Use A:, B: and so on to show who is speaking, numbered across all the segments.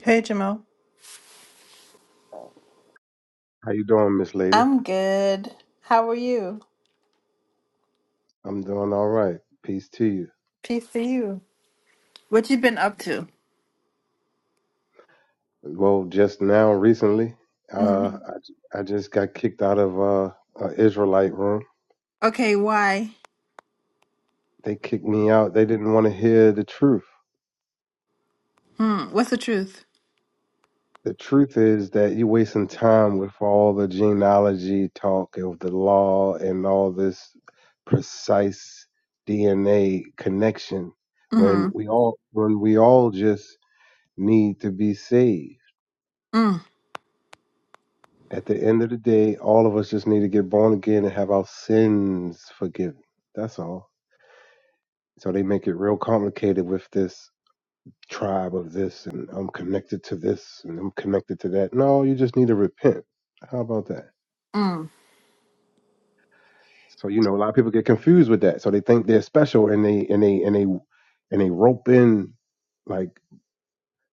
A: Hey, Jamal.
B: How you doing, Miss Lady?
A: I'm good. How are you?
B: I'm doing all right. Peace to you.
A: Peace to you. What you been up to?
B: Well, just now, recently,
A: hmm
B: uh, I, I just got kicked out of uh, an Israelite room.
A: Okay, why?
B: They kicked me out. They didn't want to hear the truth.
A: Hmm. What's the truth?
B: The truth is that you're wasting time with all the genealogy talk of the law and all this precise DNA connection
A: Mm-hmm.
B: when we all when we all just need to be saved.
A: Mm.
B: At the end of the day, all of us just need to get born again and have our sins forgiven. That's all. So they make it real complicated with this tribe of this, and I'm connected to this, and I'm connected to that. No, you just need to repent. How about that?
A: Mm.
B: So you know, a lot of people get confused with that. So they think they're special, and they and they and they and they rope in like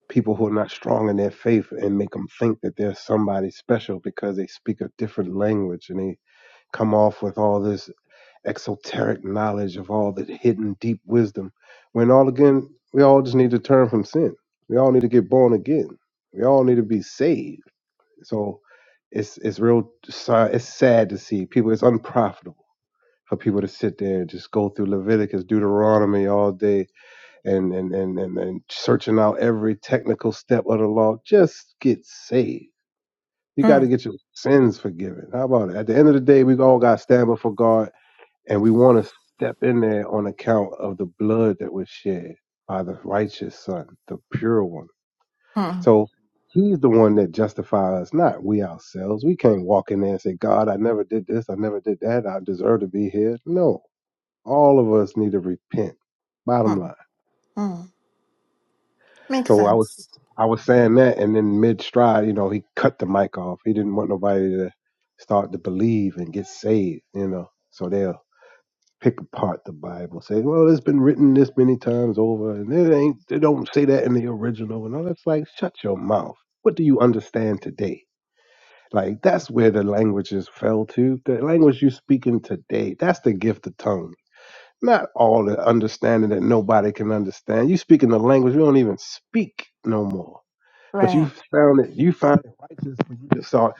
B: people who are not strong in their faith and make them think that they're somebody special because they speak a different language and they come off with all this exoteric knowledge of all the hidden deep wisdom when all again we all just need to turn from sin we all need to get born again we all need to be saved so it's it's real si- it's sad to see people it's unprofitable for people to sit there and just go through leviticus deuteronomy all day and and and and, and searching out every technical step of the law just get saved you got to
A: Mm.
B: get your sins forgiven how about it at the end of the day we all got to stand before god and we want to step in there on account of the blood that was shed by the righteous Son, the pure one.
A: Mm.
B: So he's the one that justifies us, not we ourselves. We can't walk in there and say, God, I never did this, I never did that, I deserve to be here. No, all of us need to repent. Bottom
A: Mm.
B: line.
A: Mm. Makes
B: So I was
A: sense.
B: I was saying that and then mid stride, you know, he cut the mic off. He didn't want nobody to start to believe and get saved, you know. So they'll pick apart the Bible, say, well, it's been written this many times over, and it ain't, they don't say that in the original, and all that's like, shut your mouth. What do you understand today? Like, that's where the languages fell to. The language you're speaking today, that's the gift of tongue. Not all the understanding that nobody can understand. You speaking the language we don't even speak no more. But
A: Right.
B: you found it, you found it righteous when you just saw,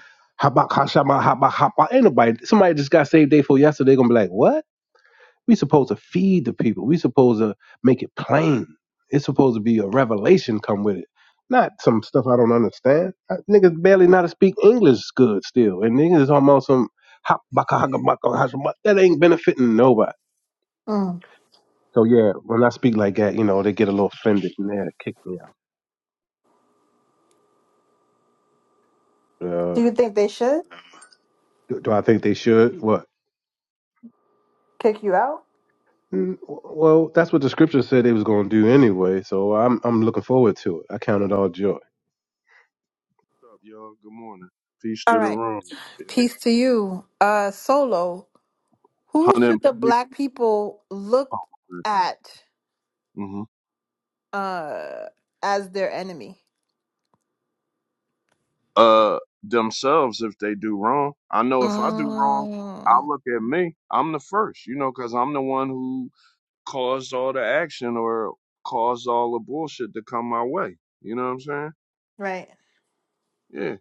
B: habak, hashama, habak, haba. Ain't nobody, somebody just got saved day for yesterday, gonna be like, what? We supposed to feed the people. We supposed to make it plain. It's supposed to be a revelation come with it, not some stuff I don't understand. I, niggas barely know how to speak English good still, and niggas is almost some hop baka haka baka haka, baka. that ain't benefiting nobody.
A: Mm.
B: So yeah, when I speak like that, you know, they get a little offended and they kick me out.
A: Do
B: Uh,
A: you think they should
B: do, do I think they should? What?
A: kick you out?
B: Mm, Well, that's what the scripture said they was gonna do anyway. So I'm I'm looking forward to it. I count it all joy.
C: What's up, y'all? Good morning. Peace to
A: All
C: the
A: right.
C: room. Yeah.
A: Peace to you. Uh, Solo. Who
C: Hunter and
A: should the
C: police
A: black people look
C: officer.
A: at
C: hmm
A: uh as their enemy?
C: Uh, themselves if they do wrong. I know if I do wrong, I
A: Mm.
C: look at me. I'm the first, you know, because I'm the one who caused all the action or caused all the bullshit to come my way. You know what I'm saying?
A: Right.
C: Yeah.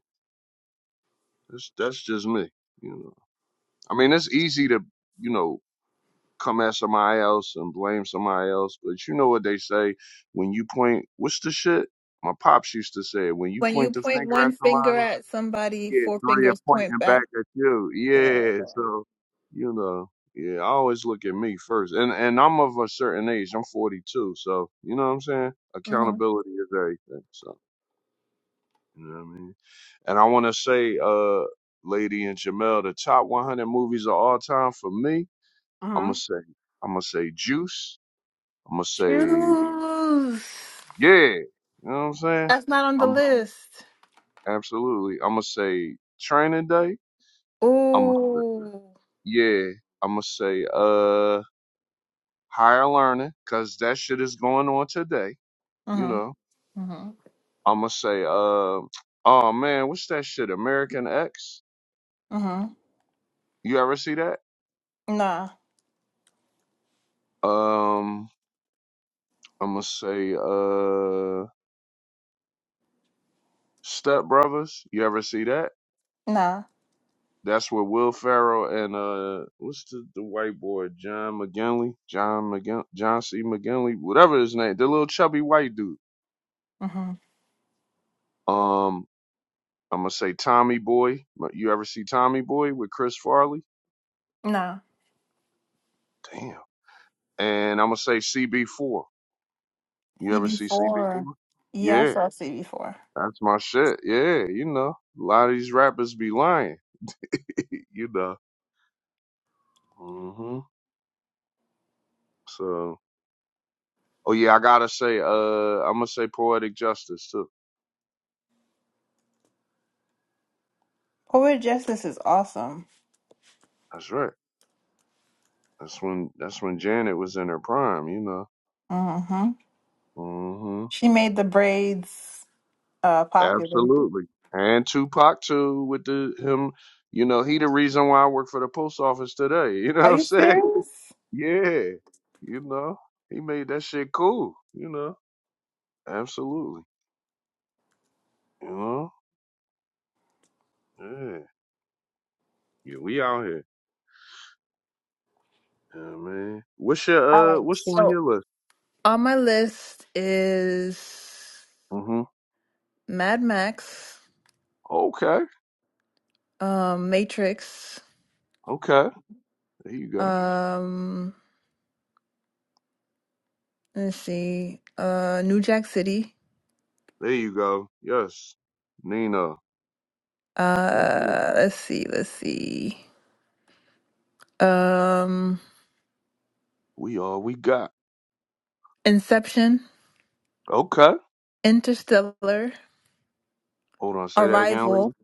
C: That's that's just me. You know. I mean, it's easy to you know come at somebody else and blame somebody else. But you know what they say when you point, what's the shit? My pops used to say, when you
A: When you
C: point the
A: point
C: finger at
A: one finger
C: somebody,
A: at somebody,
C: yeah,
A: four
C: three are
A: fingers point
C: pointing
A: back.
C: back at you.
A: Yeah.
C: Yeah, so you know, yeah, I always look at me first, and and I'm of a certain age. I'm 42, so you know what I'm saying.
A: hmm
C: Accountability is everything. So you know what I mean. And I want to say, uh, Lady and Jamel, the top 100 movies of all time for me. I'm
A: Uh-huh.
C: gonna say, I'm gonna say Juice. I'm gonna say,
A: Choose.
C: yeah. You know what I'm saying?
A: That's not on the
C: I'm
A: list.
C: absolutely. I'm gonna say training day. I'm gonna say,
A: Ooh.
C: yeah. I'm gonna say uh higher learning because that shit is going on today. You
A: Uh-huh.
C: know.
A: Uh-huh.
C: I'm gonna say uh oh man, what's that shit? American X.
A: Uh-huh.
C: You ever see that?
A: Nah.
C: Um, I'm gonna say uh Step Brothers. You ever see that?
A: Nah.
C: That's where Will Ferrell and uh, what's the, the white boy John McGinley, John McGin, John C. McGinley, whatever his name, the little chubby white dude.
A: Uh-huh.
C: Um, I'm gonna say Tommy Boy. You ever see Tommy Boy with Chris Farley?
A: Nah.
C: Damn. And I'm gonna say CB4. You ever see CB4?
A: CB4. Yeah, I
C: Yeah,
A: saw CB4.
C: that's my shit. Yeah, you know, a lot of these rappers be lying. you know. hmm So, oh yeah, I gotta say, uh, I'm gonna say Poetic Justice too.
A: Poet Justice is awesome.
C: That's right. That's when that's when Janet was in her prime, you know.
A: Mm-hmm.
C: hmm
A: She made the braids uh popular.
C: Absolutely. And Tupac too with the him, you know, he the reason why I work for the post office today. You know
A: Are
C: what I'm
A: you
C: saying?
A: serious?
C: Yeah. You know, he made that shit cool, you know. Absolutely. You know? Yeah. Yeah, we out here. Yeah, man. What's
A: All
C: your uh
A: right.
C: what's on
A: So
C: your list?
A: on my list is
C: hmm
A: Mad Max,
C: Okay.
A: um, Matrix,
C: Okay. There you go.
A: um, let's see, uh, New Jack City,
C: There you go. Yes. Nina and Drake.
A: uh, let's see, let's see, um,
C: We all we got.
A: Inception,
C: Okay.
A: Interstellar,
C: Hold on, say that again, lady.
A: Arrival,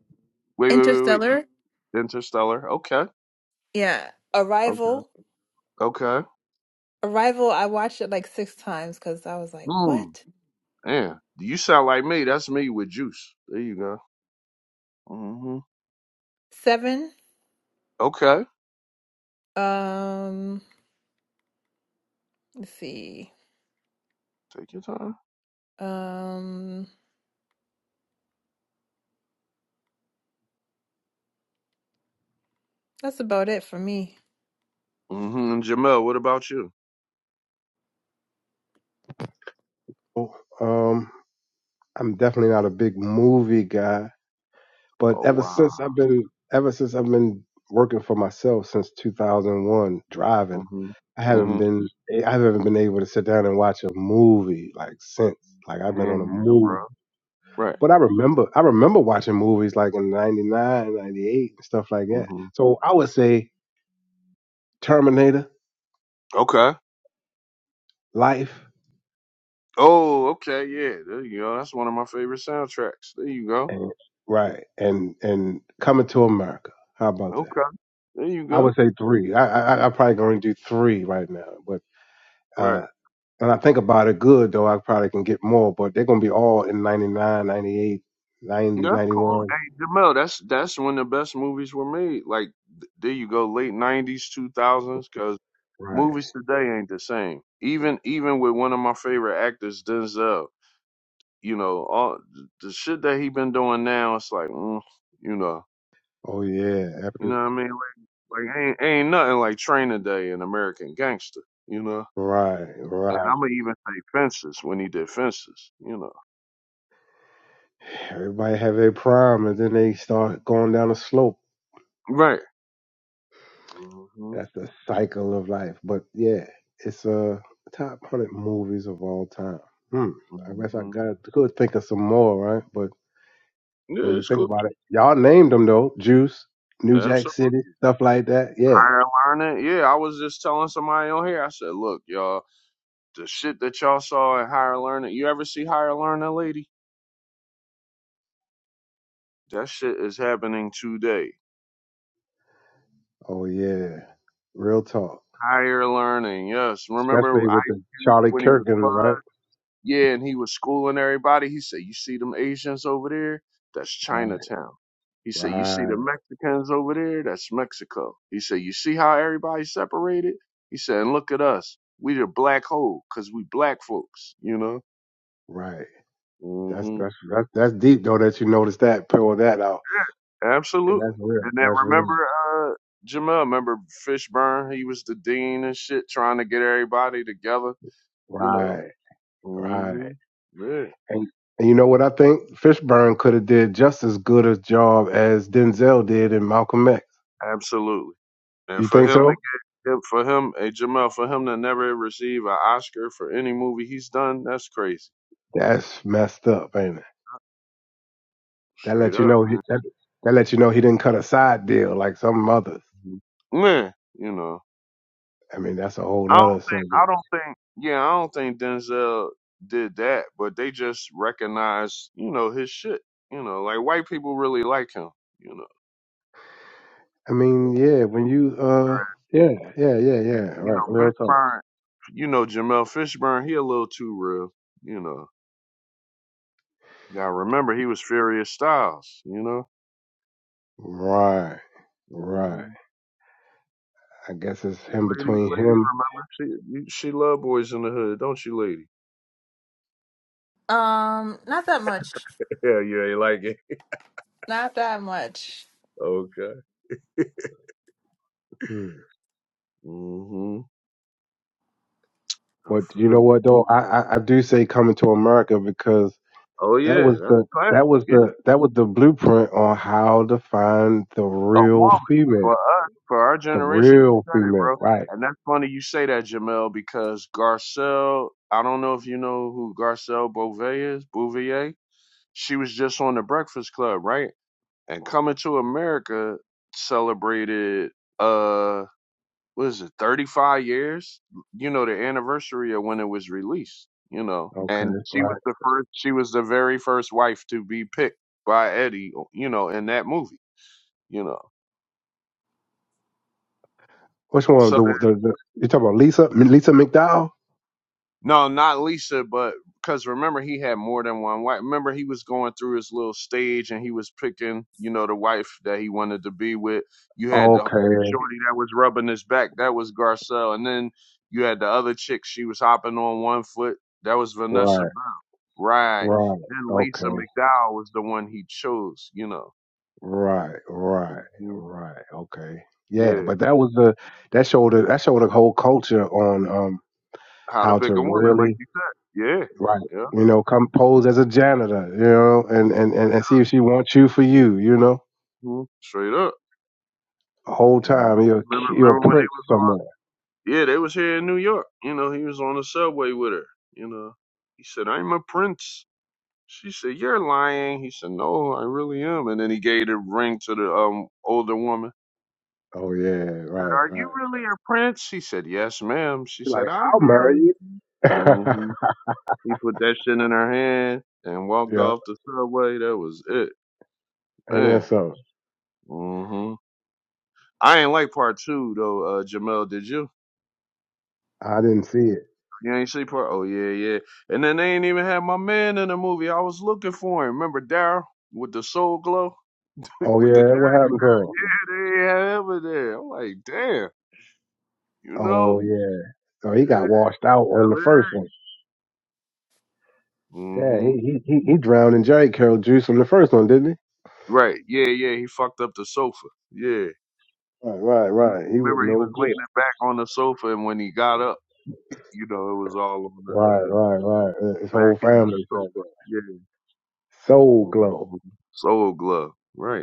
C: Wait, wait, wait, wait.
A: Interstellar,
C: Interstellar. Okay.
A: yeah,
C: Okay.
A: Arrival,
C: Okay.
A: Arrival. I watched it like six times because I was like,
C: Mm.
A: what?
C: Yeah. You sound like me. That's me with juice. There you go. mm hmm
A: Seven.
C: Okay.
A: Um, let's see,
C: Take your time.
A: um, that's about it for me.
C: mm hmm And Jamel, what about you?
B: Oh, Um, I'm definitely not a big movie guy, but
C: Oh
B: ever
C: wow.
B: since I've been ever since I've been working for myself since 2001 driving,
C: mm hmm
B: I haven't
C: mm
B: been I haven't been able to sit down and watch a movie like since. Like I've
C: hmm
B: been
C: Yeah,
B: on a
C: bro.
B: move.
C: Right.
B: But I remember I remember watching movies like in 99, 98 and stuff like
C: mm
B: that.
C: hmm
B: So I would say Terminator,
C: Okay.
B: Life,
C: Oh, okay, yeah. There you go. That's one of my favorite soundtracks. There you go.
B: and right, and and Coming to America. How about that?
C: Okay. There you
B: I would
C: go.
B: say three. I I, I probably going to do three right now, but
C: Right.
B: Uh, and I think about it good, though I probably can get more, but they're going to be all in 99, 98, 90,
C: That's cool.
B: 91.
C: Hey, Jamel, that's that's when the best movies were made. Like th- there you go, late nineties, two thousands, because
B: Right.
C: movies today ain't the same. Even even with one of my favorite actors, Denzel, you know, all th- the shit that he been doing now, it's like, mm, you know,
B: Oh, yeah.
C: you
B: After,
C: know what I mean? Like, like ain't ain't nothing like Training Day and American Gangster, you know.
B: right,
C: And
B: right.
C: I'm gonna even say Fences when he did Fences, you know.
B: Everybody have their prime, and then they start going down a slope.
C: Right. hmm
B: That's the cycle of life. But yeah, it's uh, top 100 movies of all time. Hmm. I guess I
C: hmm
B: got could think of some more, right? But when
C: Yeah,
B: you
C: it's
B: think
C: cool.
B: about it, y'all named them though. Juice, New Jack
C: Absolutely.
B: City, stuff like that.
C: I
B: Yeah.
C: gotta it. Yeah, I was just telling somebody on here. I said, look, y'all, the shit that y'all saw in Higher Learning, you ever see Higher Learning, lady? That shit is happening today.
B: Oh yeah. Real talk.
C: Higher Learning, yes. Remember
B: especially with the
C: IQ
B: Charlie
C: when he was five?
B: Kirkin, right?
C: Yeah, and he was schooling everybody. He said, you see them Asians over there? That's
B: Right,
C: Chinatown. He said, you see the
B: right,
C: Mexicans over there? That's Mexico. He said, you see how everybody separated? He said, and look at us. We the black hole because we black folks, you know?
B: right. That's
C: hmm
B: that's that's, that's deep though that you notice that pull that out. 'Cause That's
C: Absolutely. And
B: real.
C: then
B: That's real.
C: remember, uh, Jamel, remember Fishburne? He was the dean and shit, trying to get everybody together, you know?
B: Right, right.
C: hmm Yeah,
B: And and you know what I think? Fishburne could have did just as good a job as Denzel did in Malcolm X.
C: absolutely. And
B: You
C: for
B: think
C: him
B: so?
C: to get, him- for him, hey, Jamel, for him to never receive an Oscar for any movie he's done, that's crazy.
B: That's messed up, ain't it? That
C: Straight
B: let you
C: up.
B: know he that, that let you know he didn't cut a side deal like some others.
C: Mhm. Man, you know.
B: I mean, that's a whole
C: I don't
B: nother
C: think,
B: subject.
C: I don't think, yeah, I don't think Denzel did that, but they just recognize, you know, his shit. You know, like white people really like him. You know.
B: I mean, yeah, when you uh
C: right
B: yeah, yeah, yeah, yeah.
C: here. You
B: Right,
C: know,
B: real talk.
C: Fishburne. You know, Jamel Fishburne. He a little too real. You know, gotta remember he was Furious Styles. You know.
B: Right, right.
C: hmm
B: I guess it's him
C: Lady,
B: between
C: lady,
B: him.
C: remember she you, she love boys in the hood, don't you, lady?
A: Um, not that much.
C: Yeah, you ain't like it.
A: Not that much.
C: Okay.
B: Hmm.
C: hmm I
B: But you
C: feel
B: know
C: you.
B: what though? I, I, I do say coming to America because
C: Oh
B: that
C: yeah,
B: was
C: that's
B: the that
C: classic.
B: was
C: Yeah,
B: the that was the blueprint on how to find the
C: a
B: real
C: woman for
B: female.
C: us, for our
B: The
C: generation. You
B: real
C: said it, bro.
B: female. Right.
C: And that's funny you say that, Jamel, because Garcelle. I don't know if you know who Garcelle Beauvais is. Bouvier. she was just on the Breakfast Club, right? And Coming to America celebrated uh what is it, 35 years? You know, the anniversary of when it was released, you know.
B: Okay.
C: And she was
B: Right.
C: the first she was the very first wife to be picked by Eddie, you know, in that movie, you know.
B: Which one?
C: So
B: The the, the you talking about Lisa Lisa McDowell?
C: No, not Lisa, but because remember he had more than one wife. Remember he was going through his little stage and he was picking, you know, the wife that he wanted to be with. You had the the
B: Okay.
C: shorty that was rubbing his back, that was Garcelle, and then you had the other chick. She was hopping on one foot, that was Vanessa
B: Right.
C: Bell, right?
B: Right.
C: Then
B: Okay.
C: Lisa McDowell was the one he chose, you know.
B: Right, right,
C: hmm
B: right. Okay. Yeah,
C: Yeah,
B: but that was the that showed a, that showed a whole culture on um
C: how to
B: how
C: pick
B: to
C: a woman, like
B: really
C: you said.
B: right,
C: Yeah, yeah,
B: you know, come pose as a janitor, you know, and and and, and see if she wants you for you, you know.
C: Mhm. straight up,
B: The whole
C: you
B: time
C: know.
B: you're a
C: Remember,
B: ki- you're a
C: remember when they
B: prince
C: was on?
B: somewhere.
C: Yeah, they was here in New York. You know, he was on the subway with her. You know, he said, "I'm a prince." She said, "You're lying." He said, "No, I really am." And then he gave the ring to the um older woman.
B: Oh yeah,
C: Said,
B: right,
C: "Are you
B: right.
C: really a prince?" She said, "Yes, ma'am." She
B: She's like,
C: said, "I'll
B: I'll marry
C: marry
B: you.
C: you." hmm He put that shit in her hand and walked
B: yeah,
C: off the subway. That was it,
B: ain't that
C: man.
B: so?
C: hmm I ain't like part two though, uh, Jamel. Did you?
B: I didn't see it.
C: You ain't see part? Oh yeah, yeah. And then they ain't even had my man in the movie. I was looking for him. Remember Daryl with the soul glow?
B: Oh
C: with the
B: yeah, what happened to him?
C: yeah, they ain't have him in there. I'm like, damn, you know?
B: Oh yeah. So he got
C: Yeah,
B: washed out on the first one. Yeah,
C: Mm-hmm.
B: he he he, he drowned in Jerry Carroll juice from the first one, didn't he?
C: Right. Yeah, yeah. He fucked up the sofa. Yeah.
B: Right, right,
C: He was
B: right. He was
C: remember he
B: no
C: was
B: good.
C: leaning back on the sofa and when he got up, you know, it was all on the
B: Right,
C: uh,
B: right, right. Uh, His
C: back
B: whole
C: end of
B: family
C: the
B: said
C: sofa.
B: that.
C: Yeah.
B: Soul Glow.
C: Mhm. Soul glove. Right.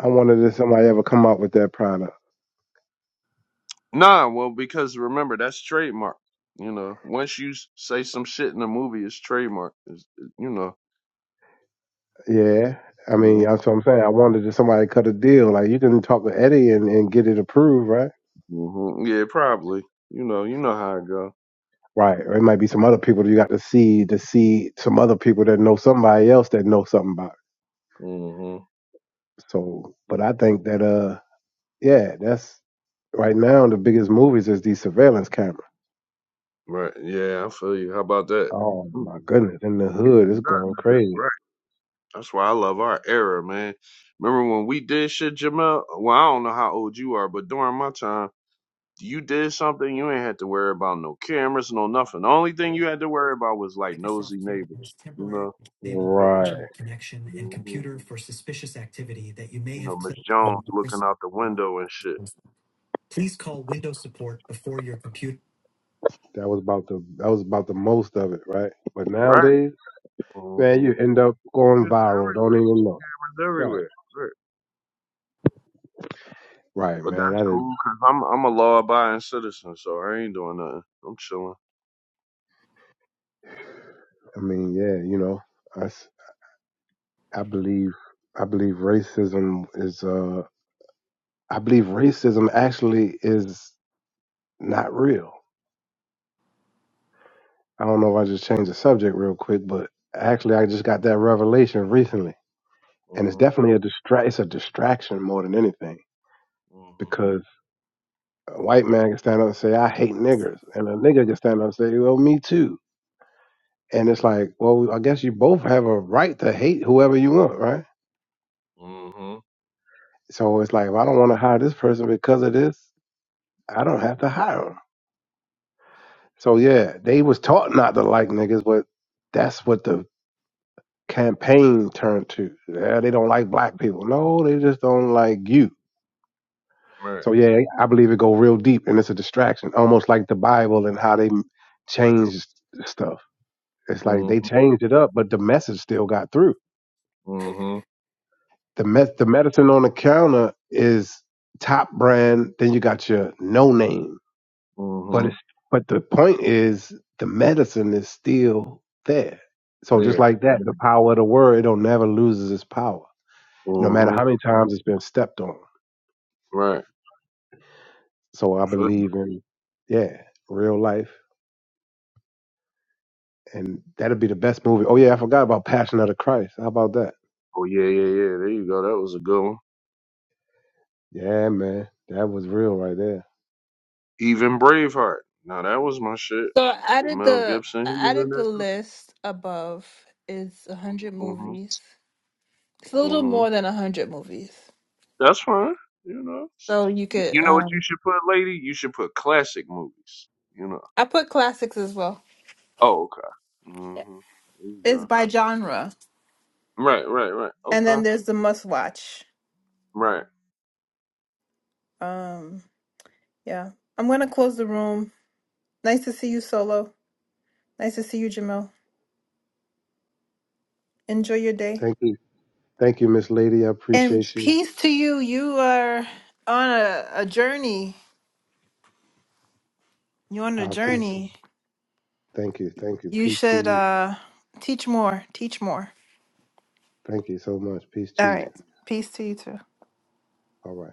B: I wondered if somebody ever come out with that product.
C: Nah, well, because remember that's trademark. You know, once you s- say some shit in a movie, it's trademark. It's, it- you know.
B: Yeah. I mean,
C: hmm
B: that's what I'm saying. I wondered if somebody cut a deal. Like you can talk to Eddie and, and get it approved, right?
C: hmm Yeah, probably. You know, you know how it go.
B: Right. Or it might be some other people that you got to see to see some other people that know somebody else that know something about
C: hmm
B: it. So but I think that uh yeah, that's right now the biggest movies is these surveillance cameras.
C: Right. Yeah, I feel you. How about that?
B: Oh
C: Mm.
B: my goodness! In the hood, it's
C: Nothing
B: going
C: like that,
B: crazy.
C: Right. That's why I love our era, man. Remember when we did shit, Jamel? Well, I don't know how old you are, but during my time, you did something you ain't had to worry about no cameras, no nothing. The only thing you had to worry about was like nosy neighbors. You
B: Right.
C: know. You know, Miss Jones looking out the window and shit.
B: That was about the that was about the most of it, right? But
C: Right.
B: nowadays, man,
C: hmm
B: you end up
C: It's
B: going viral. Don't
C: everywhere.
B: even know.
C: It was
B: Right.
C: everywhere. Right.
B: Right,
C: But
B: man. I
C: that's
B: didn't.
C: cool because I'm I'm a law abiding citizen, so I ain't doing nothing. I'm chilling.
B: I mean, yeah, you know, I s- I believe I believe racism is uh I believe racism actually is not real. I don't know if I just changed the subject real quick, but actually, I just got that revelation recently, and it's
C: hmm
B: definitely a distract. It's a distraction more than anything
C: hmm
B: A white man can stand up and say, I hate niggers. And a nigger can stand up and say, well, me too. And it's like, well, I guess you both have a right to hate whoever you want, right?
C: hmm
B: So it's like, if I don't want to hire this person because of this, I don't have to hire them. So yeah, they was taught not to like niggas, but that's what the campaign turned to. Yeah, they don't like black people. No, they just don't like you.
C: Right.
B: So yeah, I believe it go real deep, and it's a distraction, almost like the Bible and how they changed stuff. It's like
C: hmm
B: they changed it up, but the message still got through.
C: hmm
B: The me- the medicine on the counter is top brand. Then you got your no name, but
C: hmm
B: it's but the point is the medicine is still there. So just
C: There.
B: like that, the power of the word it don't never loses its power, no matter
C: hmm
B: how many times it's been stepped on.
C: Right.
B: So I
C: Feel- me.
B: believe in yeah, real life, and that'll be the best movie. Oh yeah, I forgot about Passion of the Christ. How about that?
C: Oh yeah, yeah, yeah. There you go. That was a good one.
B: Yeah, man, that was real right there.
C: Even Braveheart. Now that was my shit
A: So I
C: with
A: did
C: Mel
A: the
C: Gibson. He was
A: I
C: in
A: did the
C: that
A: list above is a hundred
C: too.
A: movies. It's a little
C: hmm
A: more than a hundred movies.
C: That's fine. You know,
A: So you could
C: you know what you
A: um
C: should put, lady? You should put classic movies. You know.
A: I put classics as well.
C: Oh, okay. Mhm. There you
A: It's
C: go.
A: by genre.
C: Right, right, right.
A: And then
C: Okay.
A: there's the must watch.
C: Right.
A: Um yeah. I'm gonna close the room. Nice to see you solo. Nice to see you, Jamil. Enjoy your day.
B: Thank you. Thank you, Miss Lady. I
A: And
B: appreciate you.
A: peace to you. You are on a, a journey. You're on a
B: I appreciate.
A: journey.
B: It. Thank you. Thank you.
A: You
B: Peace to
A: should
B: you.
A: uh teach more. Teach more.
B: Thank you so much. Peace
A: All
B: to you.
A: right. Peace to you too.
B: All right.